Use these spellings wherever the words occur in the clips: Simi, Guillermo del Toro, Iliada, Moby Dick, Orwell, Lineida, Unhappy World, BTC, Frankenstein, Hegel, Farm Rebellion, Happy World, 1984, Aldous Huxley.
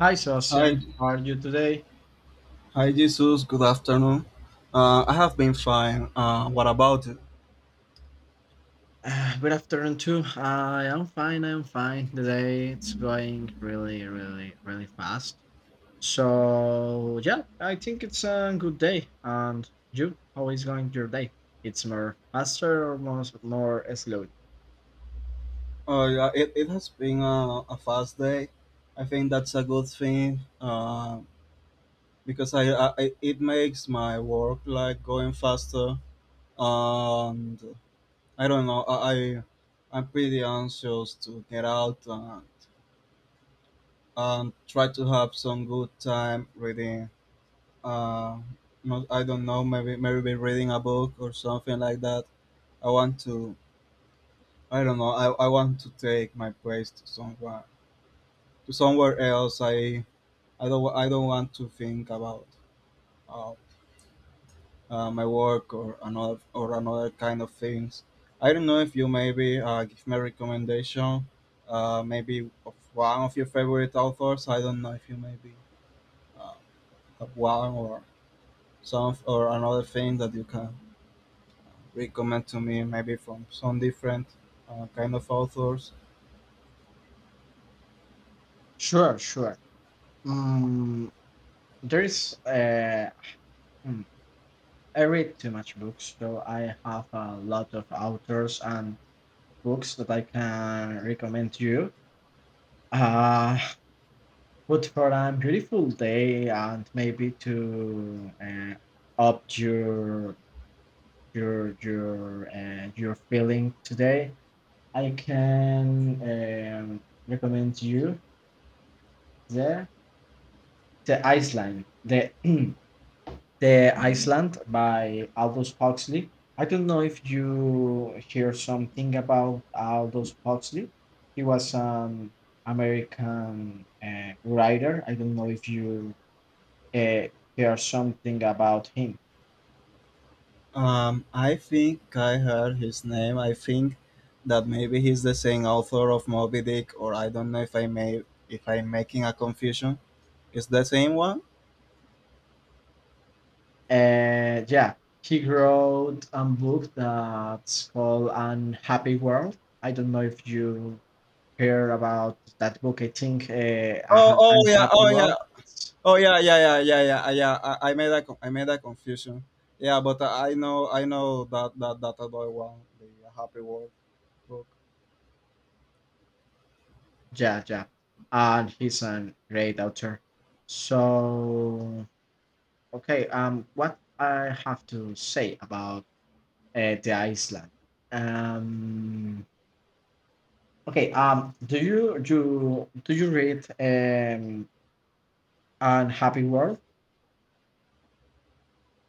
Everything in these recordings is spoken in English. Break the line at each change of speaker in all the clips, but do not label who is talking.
Hi,
Hi,
Sebastian. How are you today?
hi, Jesus. Good afternoon. I have been fine. What about you?
Good afternoon, too. I am fine. I am fine. Today it's going really, really, really fast. So, yeah, I think it's a good day. And you, how is going your day? It's more faster or more slowly?
Oh, yeah, it has been a fast day. I think that's a good thing, because it makes my work like going faster. And I don't know. I'm pretty anxious to get out and, try to have some good time reading. Uh, I don't know. Maybe reading a book or something like that. I want to I don't know. I want to take my place to somewhere else. I don't want to think about uh, my work or another kind of things. I don't know if you maybe give me a recommendation, maybe of one of your favorite authors. I don't know if you maybe uh, have one or some or another thing that you can recommend to me, maybe from some different kind of authors.
Sure, sure. Mm, there's, hmm, I read too much books, so I have a lot of authors and books that I can recommend to you. Uh, But for a beautiful day and maybe to up your feeling today, I can recommend you the the Iceland, the the Iceland by Aldous Huxley. I don't know if you hear something about Aldous Huxley. He was an American, writer. I don't know if you uh, hear something about him.
I think I heard his name. I think that maybe he's the same author of Moby Dick, or I don't know if I may if I'm making a confusion. Is the same one?
And yeah, he wrote a book that's called Unhappy World. I don't know if you hear about that book. I think,
Oh, oh yeah,
Unhappy
oh yeah,
World.
oh yeah, yeah, yeah, yeah, yeah, yeah. I made a confusion. Yeah, but I know that other one, the Happy World book.
Yeah, yeah. And he's a great author. So, okay, what I have to say about, the Iceland. Um, okay, do you read, and Happy World?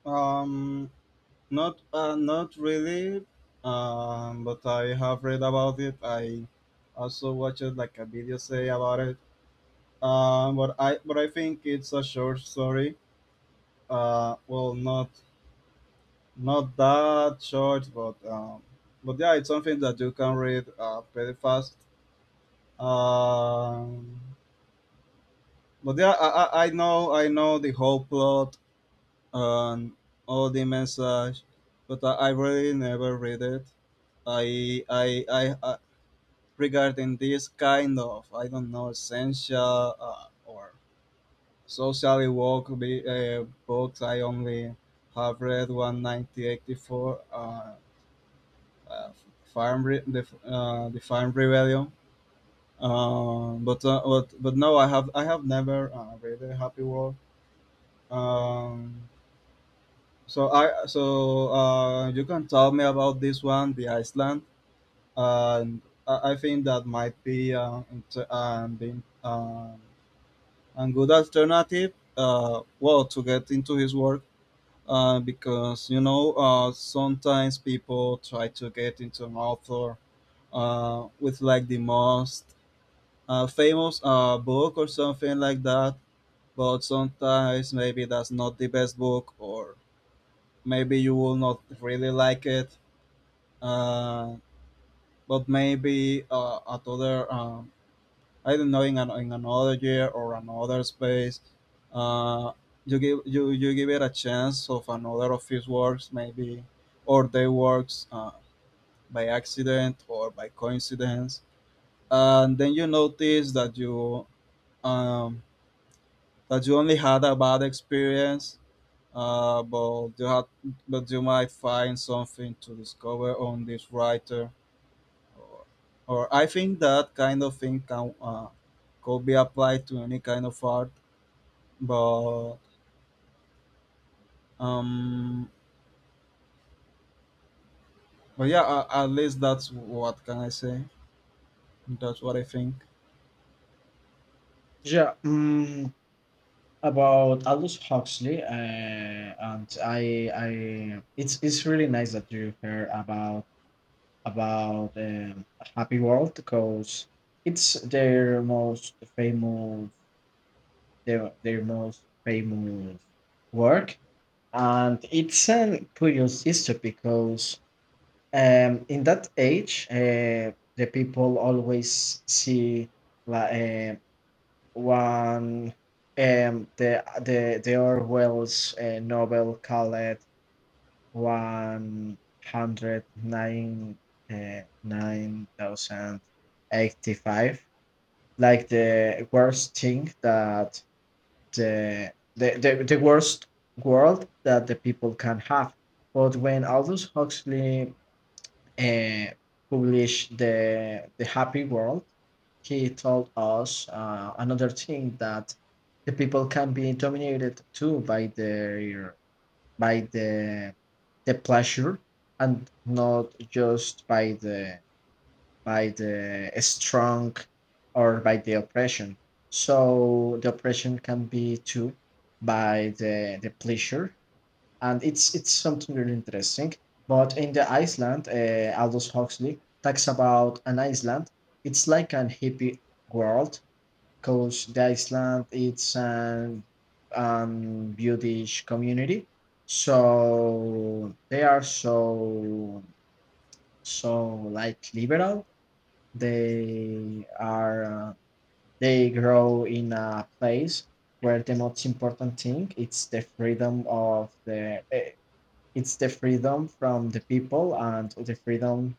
Um, Not really. But I have read about it. I also watched like a video say about it. But I think it's a short story. Uh, well, not not that short, but yeah, it's something that you can read pretty fast. Um, but yeah, I know the whole plot and all the message, but I really never read it. I Regarding this kind of, I don't know, essential, or socially woke, books, I only have read one, 1984, uh, the Farm Rebellion. But no, I have never read a Happy World. Um, so you can tell me about this one, the Iceland, and I think that might be, being, a good alternative. To get into his work. Because, sometimes people try to get into an author with like the most, famous, book or something like that, but sometimes maybe that's not the best book, or maybe you will not really like it, uh, but maybe, at other, I don't know, in, an, in another year or another space. Uh, you give it a chance of another of his works maybe, or their works, by accident or by coincidence, and then you notice um, that you only had a bad experience. Uh, but you had, but you might find something to discover on this writer, or, I think that kind of thing can could be applied to any kind of art. But um, but yeah, at least that's what can I say. That's what I think.
Yeah. About Aldous Huxley, and it's really nice that you heard about, about um, Happy World, because it's their most famous, their most famous work, and it's a curious history because, in that age, the people always see like, one, the Orwell's, novel called 109, 9,085, like the worst thing that the worst world that the people can have. But when Aldous Huxley, uh, published the Happy World, he told us, another thing that the people can be dominated too by, their by the pleasure, and not just by, the by the strong or by the oppression. So the oppression can be too by the pleasure, and it's something really interesting. But in the Iceland, Aldous Huxley talks about an Iceland. It's like an hippie world, because the Iceland it's an, Buddhist community, so they are so, so like liberal. They are uh, they grow in a place where the most important thing it's the freedom of the it's the freedom from the people, and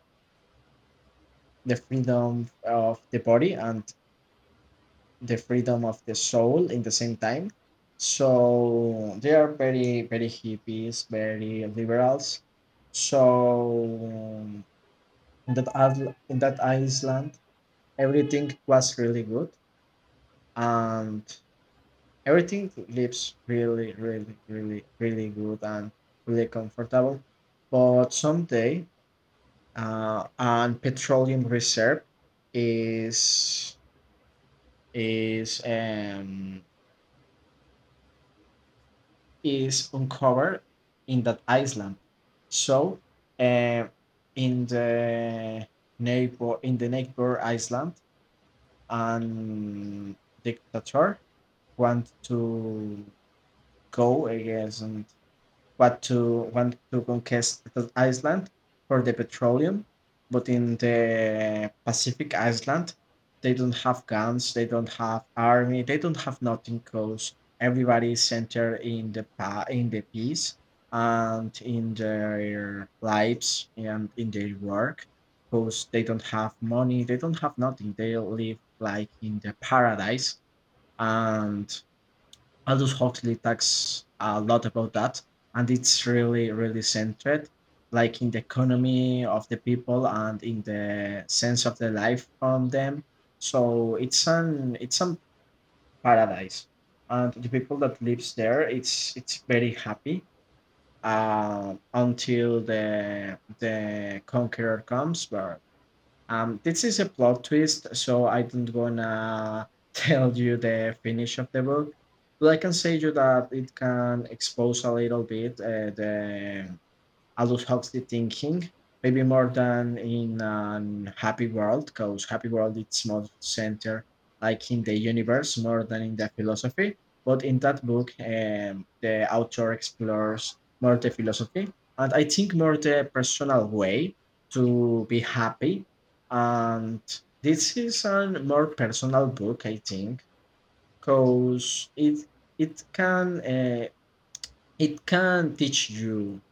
the freedom of the body, and the freedom of the soul in the same time. So they are very, very hippies, very liberals. So, in that island, everything was really good, and everything lives really, really, really, really good and really comfortable. But someday, and petroleum reserve is is um, is uncovered in that island. So, uh, in the in the neighbor island, and dictator want to go against, what to want to conquest the Iceland for the petroleum. But in the Pacific Island, they don't have guns, they don't have army, they don't have nothing. Cause everybody is centered in in the peace and in their lives and in their work. Cause they don't have money, they don't have nothing. They live like in the paradise. And Aldous Huxley talks a lot about that, and it's really, really centered, like in the economy of the people and in the sense of the life from them. So it's some paradise, and the people that lives there, it's very happy, until the conqueror comes. But this is a plot twist, so I don't wanna tell you the finish of the book. But I can say you that it can expose a little bit, the I adult healthy thinking, maybe more than in an happy world, because happy world it's more centered, like in the universe more than in the philosophy. But in that book, the author explores more the philosophy, and I think more the personal way to be happy. And this is a more personal book, I think, because it can uh, it can teach you,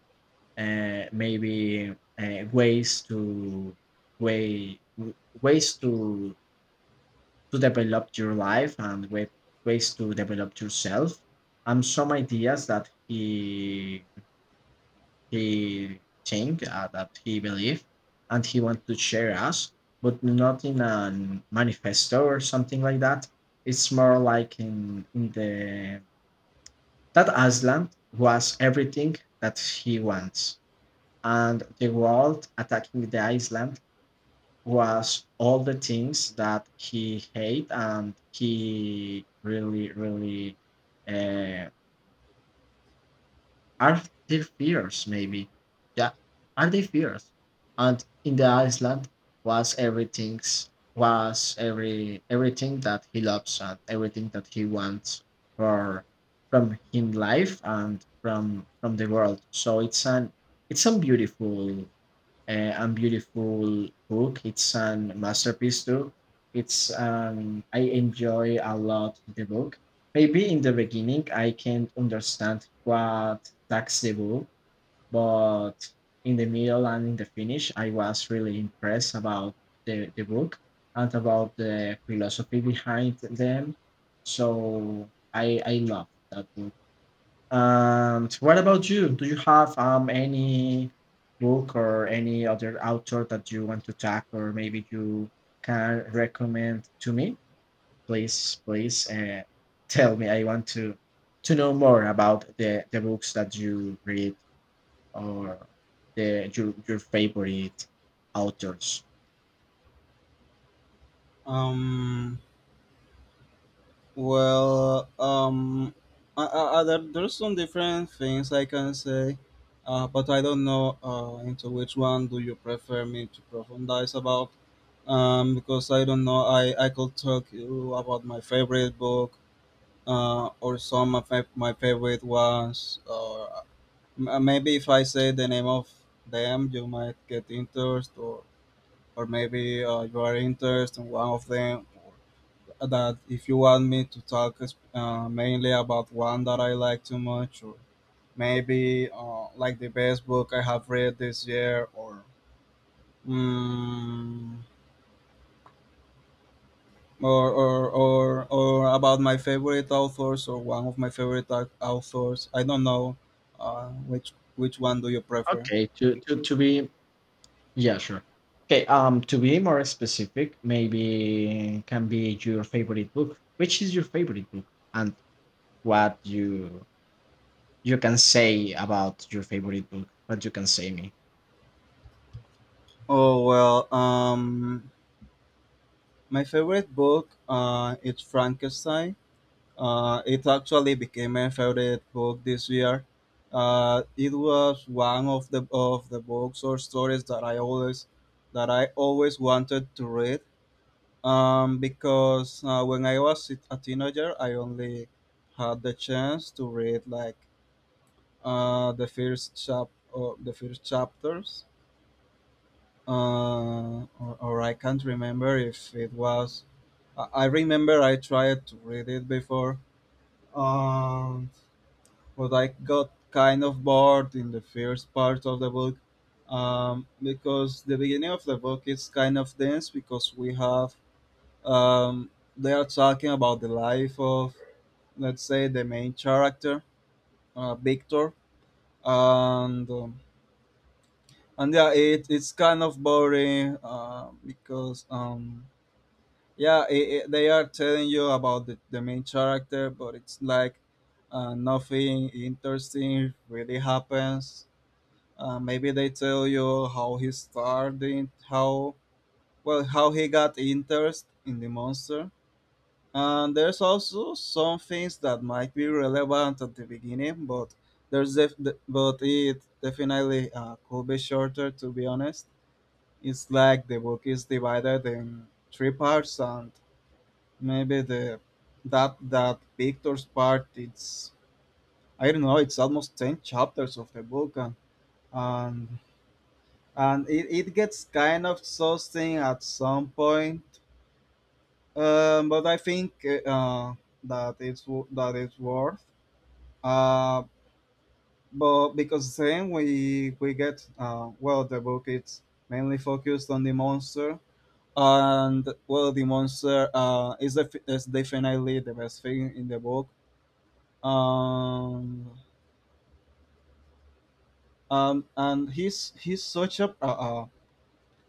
maybe, uh, ways to way w- ways to develop your life and way, ways to develop yourself, and some ideas that he think, that he believe and he want to share us, but not in a manifesto or something like that. It's more like in the that aslan was everything that he wants, and the world attacking the Iceland was all the things that he hate, and he really, really, uh, are their fears, maybe. Yeah, are they fears. And in the Iceland was everything, was everything that he loves and everything that he wants for, from him life and from the world. So it's an, it's a beautiful, and beautiful book. It's an masterpiece too. It's I enjoy a lot the book. Maybe in the beginning I can't understand what tax the book, but in the middle and in the finish, I was really impressed about the book and about the philosophy behind them. So I love that book. And what about you? Do you have, any book or any other author that you want to talk, or maybe you can recommend to me? Please, please, tell me. I want to, know more about the books that you read, or the your favorite authors.
Um, well, um, there's some different things I can say, but I don't know into which one do you prefer me to profundize about. Because I don't know, I could talk you about my favorite book, or some of my favorite ones, or, maybe if I say the name of them, you might get interest, or maybe, you are interested in one of them. Or that if you want me to talk, mainly about one that I like too much, or maybe, like the best book I have read this year, or, mm, or about my favorite authors, or one of my favorite authors. I don't know, which one do you prefer.
Okay, to be yeah, sure. Okay, to be more specific. Maybe can be your favorite book. Which is your favorite book, and what you can say about your favorite book? What you can say me?
Oh, well, my favorite book, is Frankenstein. It actually became my favorite book this year. It was one of the books or stories that I always wanted to read. Because, when I was, a teenager, I only had the chance to read, like, the first chapters, or I can't remember if it was, I remember I tried to read it before, um, but I got kind of bored in the first part of the book, because the beginning of the book is kind of dense, because we have, um, they are talking about the life of, let's say, the main character, Victor, and, and yeah, it's kind of boring, because, yeah, I they are telling you about the main character, but it's like, nothing interesting really happens. Maybe they tell you how he started, how he got interest in the monster, and there's also some things that might be relevant at the beginning, but it definitely, could be shorter, to be honest. It's like the book is divided in three parts, and maybe the that that Victor's part. It's I don't know. It's almost 10 chapters of the book, and, and, and it gets kind of exhausting at some point. But I think, that it's worth. Uh, but Because then we get, well, the book it's mainly focused on the monster, and, well, the monster, is definitely the best thing in the book. um, and he's such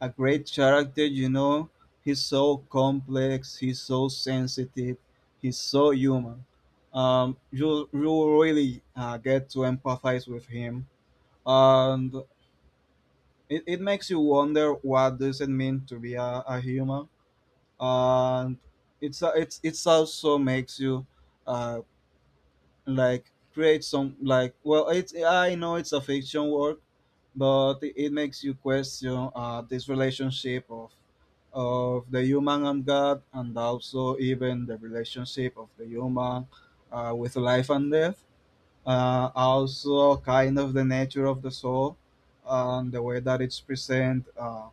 a great character. You know, he's so complex. He's so sensitive. He's so human. You really, get to empathize with him, and it makes you wonder what does it mean to be a human, and it's also makes you, uh, like, create some, like, well, it's I know it's a fiction work, but it makes you question, this relationship of the human and God, and also even the relationship of the human, with life and death. Also, kind of the nature of the soul and the way that it's present.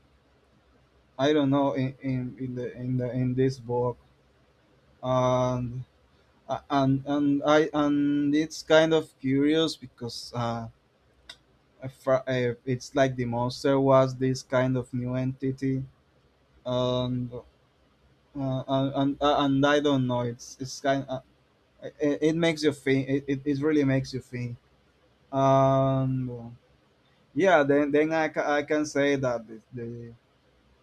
I don't know, in this book, and. And I And it's kind of curious, because, it's like the monster was this kind of new entity, and, and I don't know, it's kind, it makes you think, it really makes you think. um yeah, then, I can say that the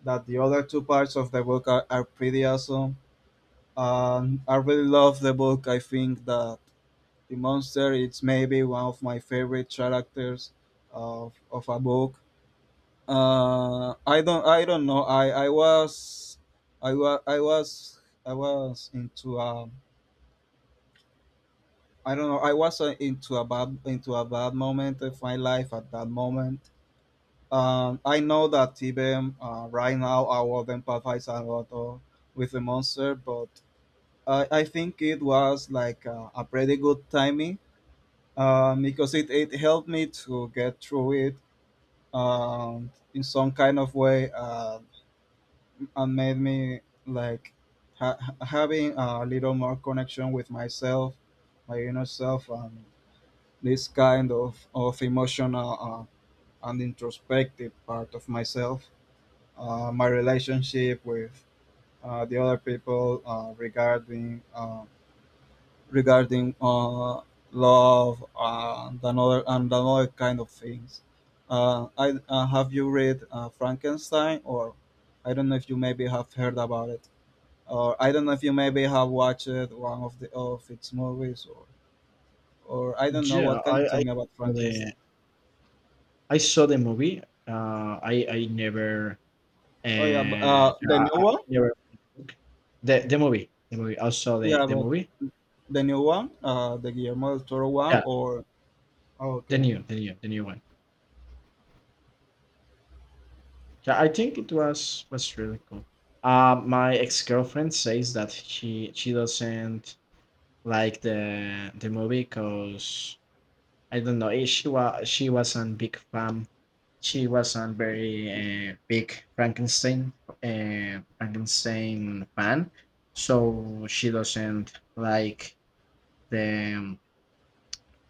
that the other two parts of the book are pretty awesome. I really love the book. I think that the monster, it's maybe one of my favorite characters of a book. I don't know, i was i was I was into, I don't know, I was, into a bad moment of my life at that moment. I know that even, right now I would empathize a lot of, with the monster, but I think it was like, a pretty good timing, because it helped me to get through it, in some kind of way, and made me like, having a little more connection with myself, my inner self, and this kind of emotional, and introspective part of myself. My relationship with, the other people, regarding, love and another kind of things. I Have you read, Frankenstein, or I don't know if you maybe have heard about it, or I don't know if you maybe have watched one of the of its movies, or I don't know.
Yeah,
What can you tell me about
saw the
Frankenstein?
I saw the movie. I never
Oh yeah, but,
yeah,
the new
I
one.
never read the book. The movie the movie. I saw the
Yeah,
the
but
movie.
the new one, the Guillermo del Toro one,
Yeah,
or, oh,
the
okay.
new the new the new one. Yeah, I think it was really cool. My ex girlfriend says that she doesn't like the movie, because I don't know. She wasn't big fan. She wasn't very, big Frankenstein fan, so she doesn't like the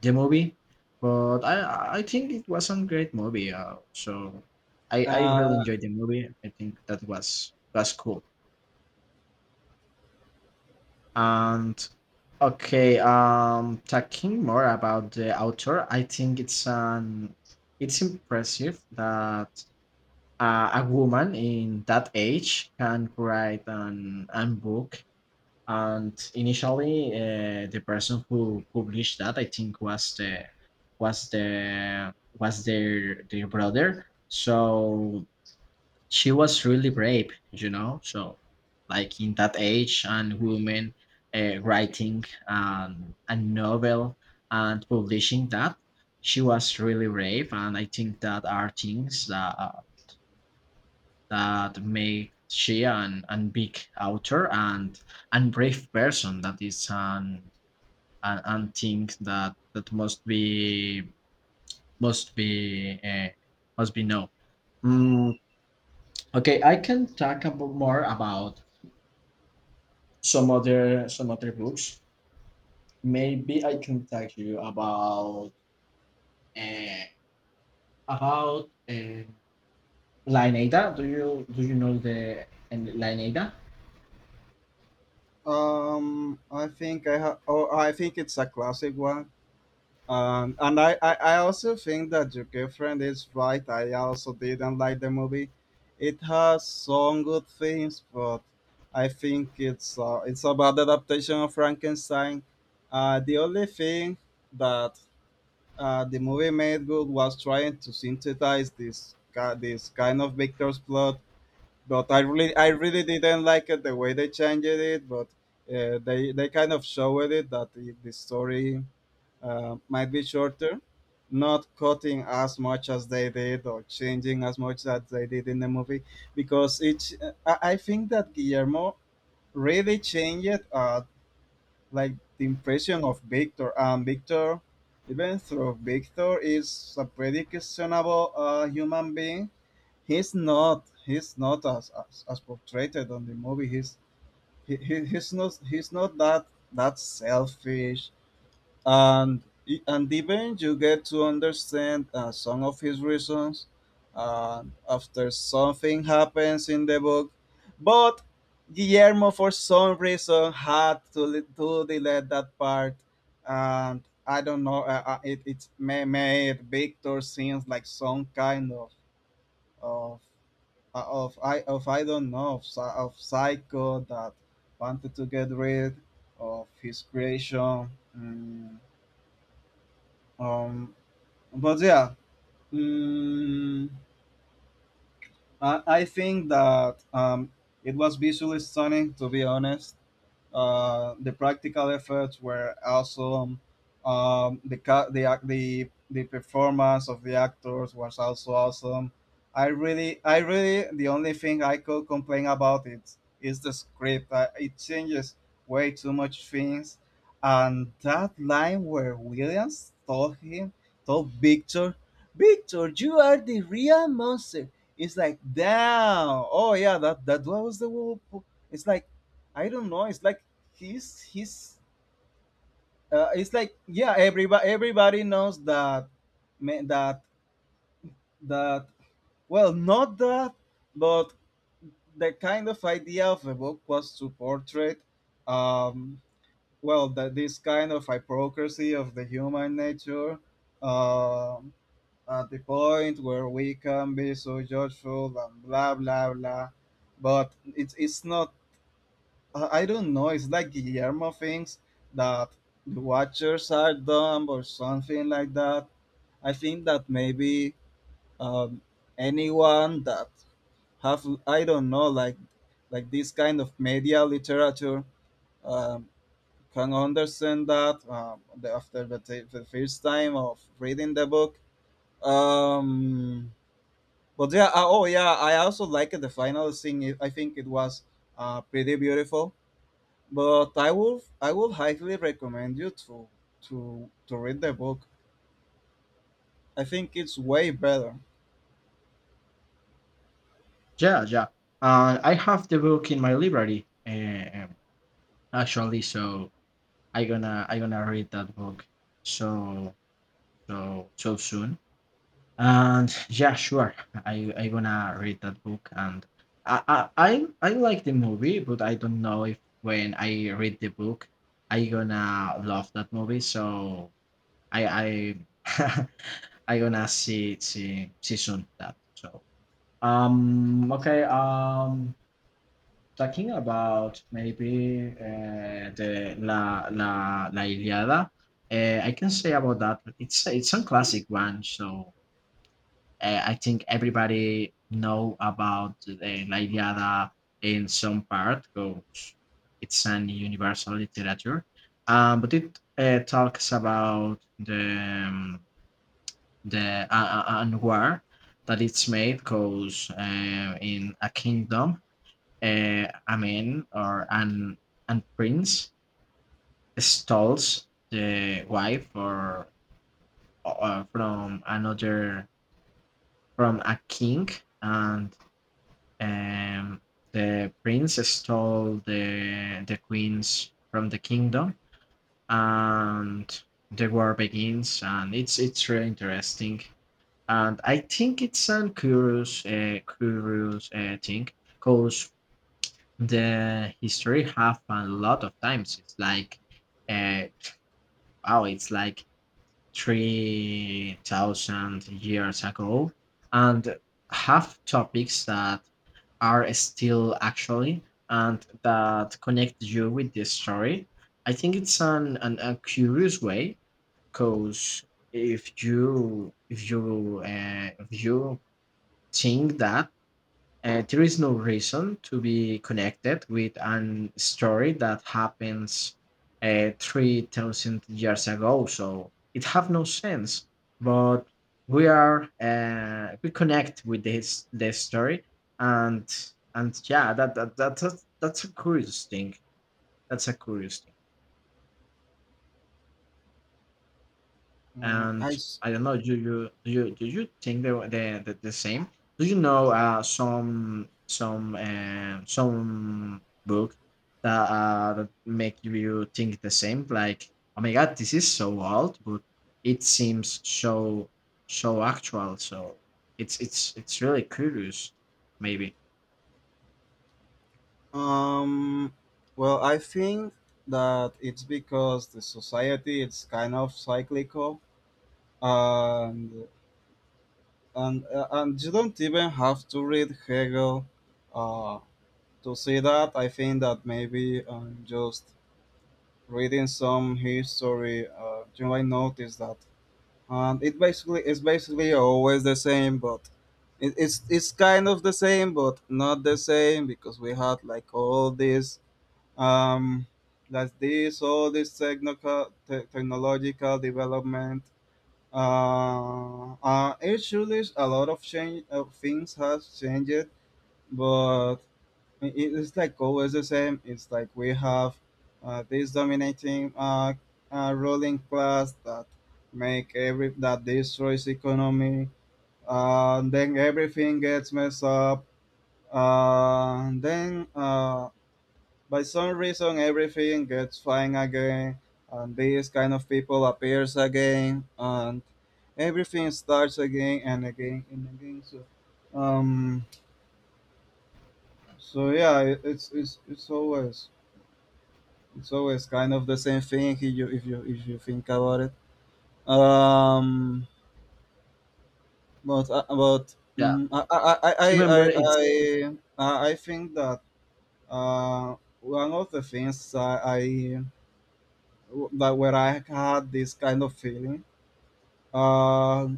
the movie. But I think it was a great movie. So I really
Uh,
enjoyed the movie. I think that was cool. And okay, talking more about the author, I think it's impressive that, a woman in that age can write an book, and initially, the person who published that, I think, was their brother. So she was really brave, so, like, in that age, and women, writing, a novel and publishing that. She was really brave, and I think that are things that, that make she an big author, and brave person that is an and think that must be uh, must be known. Mm, okay, I can talk about more about some other books. Maybe I can talk to you uh, about Lineida. Do you know the and Lineida?
I think I have. Oh, I think it's a classic one. And, I also think that your girlfriend is right. I also didn't like the movie. It has some good things, but I think it's, it's a bad adaptation of Frankenstein. The only thing that, the movie made good was trying to synthesize this this kind of Victor's plot. But I really, didn't like it the way they changed it. But they kind of showed it that the story might be shorter, not cutting as much as they did or changing as much as they did in the movie, because each I think that Guillermo really changed, like, the impression of Victor. Victor, even though Victor is a pretty questionable human being, he's not as portrayed on the movie. He's he, he's not that selfish, and even you get to understand, some of his reasons, uh, after something happens in the book, but Guillermo for some reason had to delete that part. And I don't know, made Victor seems like some kind of of I don't know of, of psycho that wanted to get rid of his creation. Um, but yeah, mm, I think that it was visually stunning, to be honest. The practical efforts were awesome. The, ca- the ac- the performance of the actors was also awesome. The only thing I could complain about it is the script. It changes way too much things, and that line where Williams told him, told Victor, "Victor, you are the real monster." It's like, damn. Oh yeah, that was the whole. It's like, I don't know. It's like he's. It's like, yeah. Everybody knows ma- that that, well, not that, but the kind of idea of the book was to portray, um, well, that this kind of hypocrisy of the human nature, um, at the point where we can be so judgeful and blah blah blah, but it's not. I don't know. It's like Guillermo thinks that the Watchers are dumb or something like that. I think that maybe, um, anyone that have, I don't know, like this kind of media literature, um, can understand that, after the first time of reading the book. Um, but yeah, oh yeah, I also liked the final scene. I think it was pretty beautiful. But I would highly recommend you to read the book. I think it's way better.
Yeah, yeah. I have the book in my library, actually. So I gonna read that book, so, so, so soon. And yeah, sure. I gonna read that book, and I like the movie, but I don't know if when I read the book, I gonna love that movie. So I I I gonna see soon that. So, okay, talking about, maybe, the La Iliada, I can say about that it's a classic one. So, I think everybody know about the La Iliada in some part, because it's an universal literature. But it, talks about the, war that it's made, because, in a kingdom, a man or an and prince steals the wife, or, uh, from another from a king. And, um, the prince stole the queens from the kingdom. And the war begins, and it's really interesting. And I think it's a curious thing, because the history have a lot of times, it's like, uh wow, it's like 3000 years ago, and have topics that are still actually, and that connect you with this story. I think it's an a curious way, because if you think that, there is no reason to be connected with an story that happens, 3000 years ago. So it have no sense, but we connect with this story. And yeah, that's a curious thing. That's a curious thing.
Mm.
And I don't know, do you think they were the same? Do you know, some book that, that make you think the same? Like, oh my god, this is so old, but it seems so, so actual. So it's really curious. Maybe.
Um well, I think that it's because the society it's kind of cyclical, and and you don't even have to read Hegel, uh, to see that. I think that maybe, just reading some history, you might notice that. It's basically always the same, but it's kind of the same, but not the same because we had like all this, um, all this technical, technological development. It surely is a lot of change of, things has changed, but it's like always the same. It's like we have, this dominating, ruling class that make every that destroys economy. Then everything gets messed up. Then, by some reason everything gets fine again, and this kind of people appears again, and everything starts again and again and again. So, um, so yeah, it's always. So it's kind of the same thing if you think about it. But
Yeah.
I, I,
Do you
I,
remember? It's
I, I I think that, uh, one of the things, I that, where I had this kind of feeling, uh,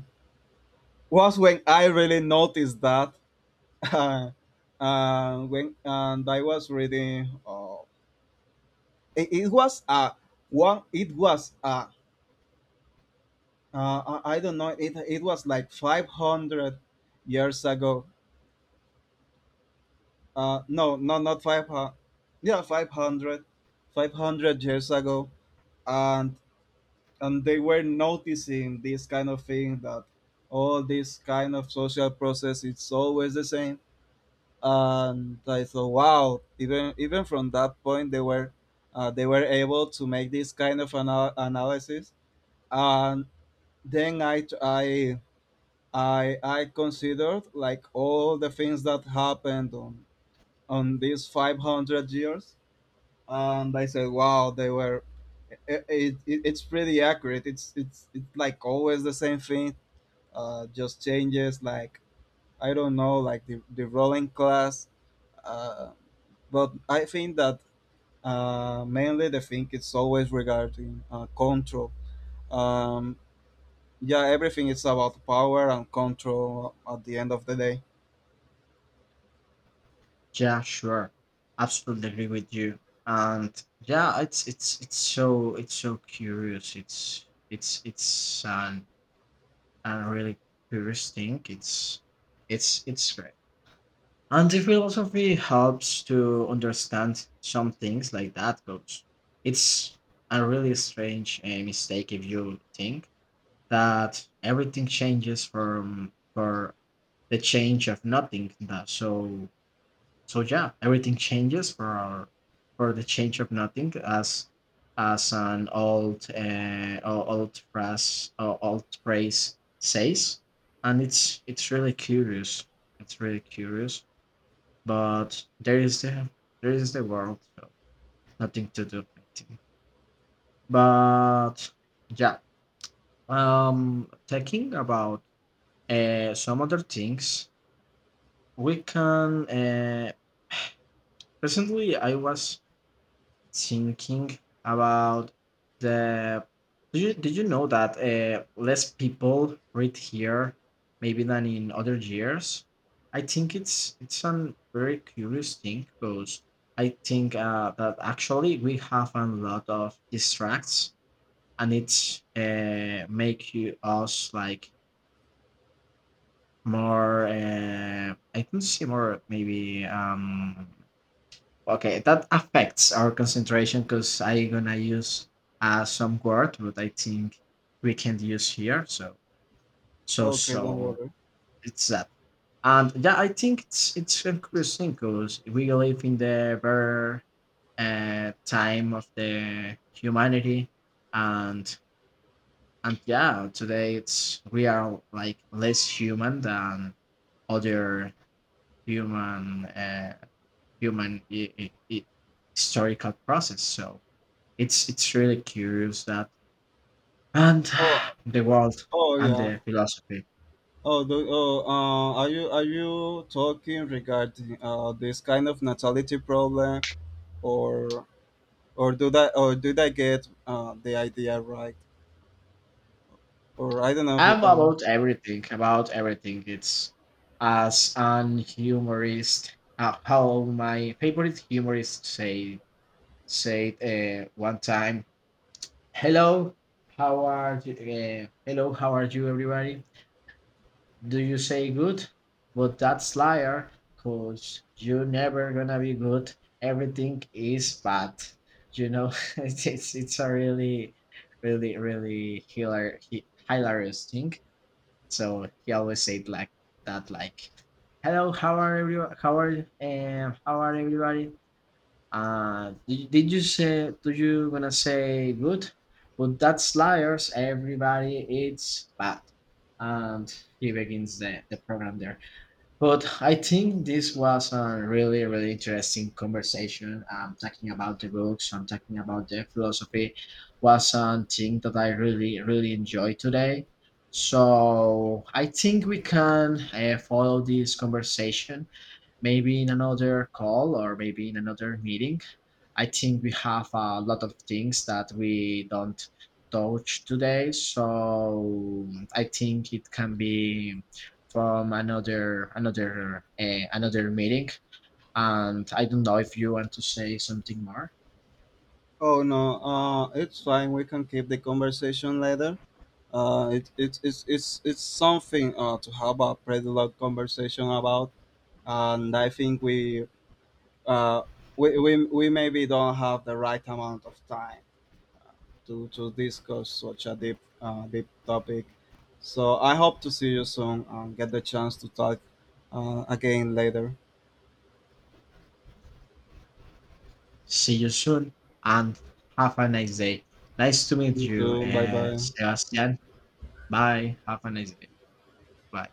was when I really noticed that uh, when and I was reading. It was a, I don't know. It was like 500 years ago. No, no, not five hundred. Yeah, 500, 500 years ago, and they were noticing this kind of thing that all this kind of social process it's always the same. And I thought, wow, even from that point, they were, able to make this kind of, analysis. And then I considered like all the things that happened on these 500 years, and I said, wow, they were. It's pretty accurate. It's like always the same thing. Just changes, like, I don't know, like the rolling class. Uh, but I think that, mainly the thing is always regarding, control. Um, yeah, everything is about power and control at the end of the day.
Yeah, sure. Absolutely agree with you. And yeah, it's so curious. It's an a really curious thing. It's great. And the philosophy helps to understand some things like that goes. It's a really strange, mistake, if you think that everything changes from for the change of nothing. That. So, yeah, everything changes for the change of nothing, as an old, old phrase says. And it's really curious. It's really curious. But there is the world, so nothing to do, I think. But yeah, talking about, some other things. We can, presently I was thinking about the did you know that, less people read here, maybe, than in other years? I think it's a very curious thing, because I think, that actually we have a lot of distracts, and it's, make you us like more, I can see more, maybe, okay, that affects our concentration. Because I gonna use, some word, but I think we can use here. So, so,
Okay, don't
so
worry.
it's that. And yeah, I think it's interesting, because we live in the very, time of the humanity. And and yeah, today it's we are like less human than other human, human i- i- i- historical process. So it's really curious that. And
Oh,
the world
oh
and
yeah.
the philosophy.
Are you talking regarding, this kind of natality problem, or or do that or did I get the idea right? Or I don't know if you
I'm
can.
about everything, about everything. It's, as an humorist, how my favorite humorist say said, one time, "Hello, how are you? Hello, how are you, everybody? Do you say good? But that's liar, cause you're never gonna be good. Everything is bad. You know, it's a really, really, really hilarious thing. So he always said like that, like, "Hello, how are everyone? How are everybody?" Did you say? Do you gonna say good? But that's liars. Everybody, it's bad. And he begins the program there." But I think this was a really, really interesting conversation. Talking about the books and talking about the philosophy was something that I really, really enjoyed today. So I think we can, follow this conversation maybe in another call or maybe in another meeting. I think we have a lot of things that we don't touch today. So I think it can be from another meeting. And I don't know if you want to say something more.
Oh no, it's fine. We can keep the conversation later. It, it, it's something, to have a pretty long conversation about, and I think uh, we maybe don't have the right amount of time to discuss such a deep, deep topic. So I hope to see you soon and get the chance to talk, again later.
See you soon and have a nice day. Nice to meet
You
you,
too. Bye bye.
Sebastian. Bye. Have a nice day. Bye.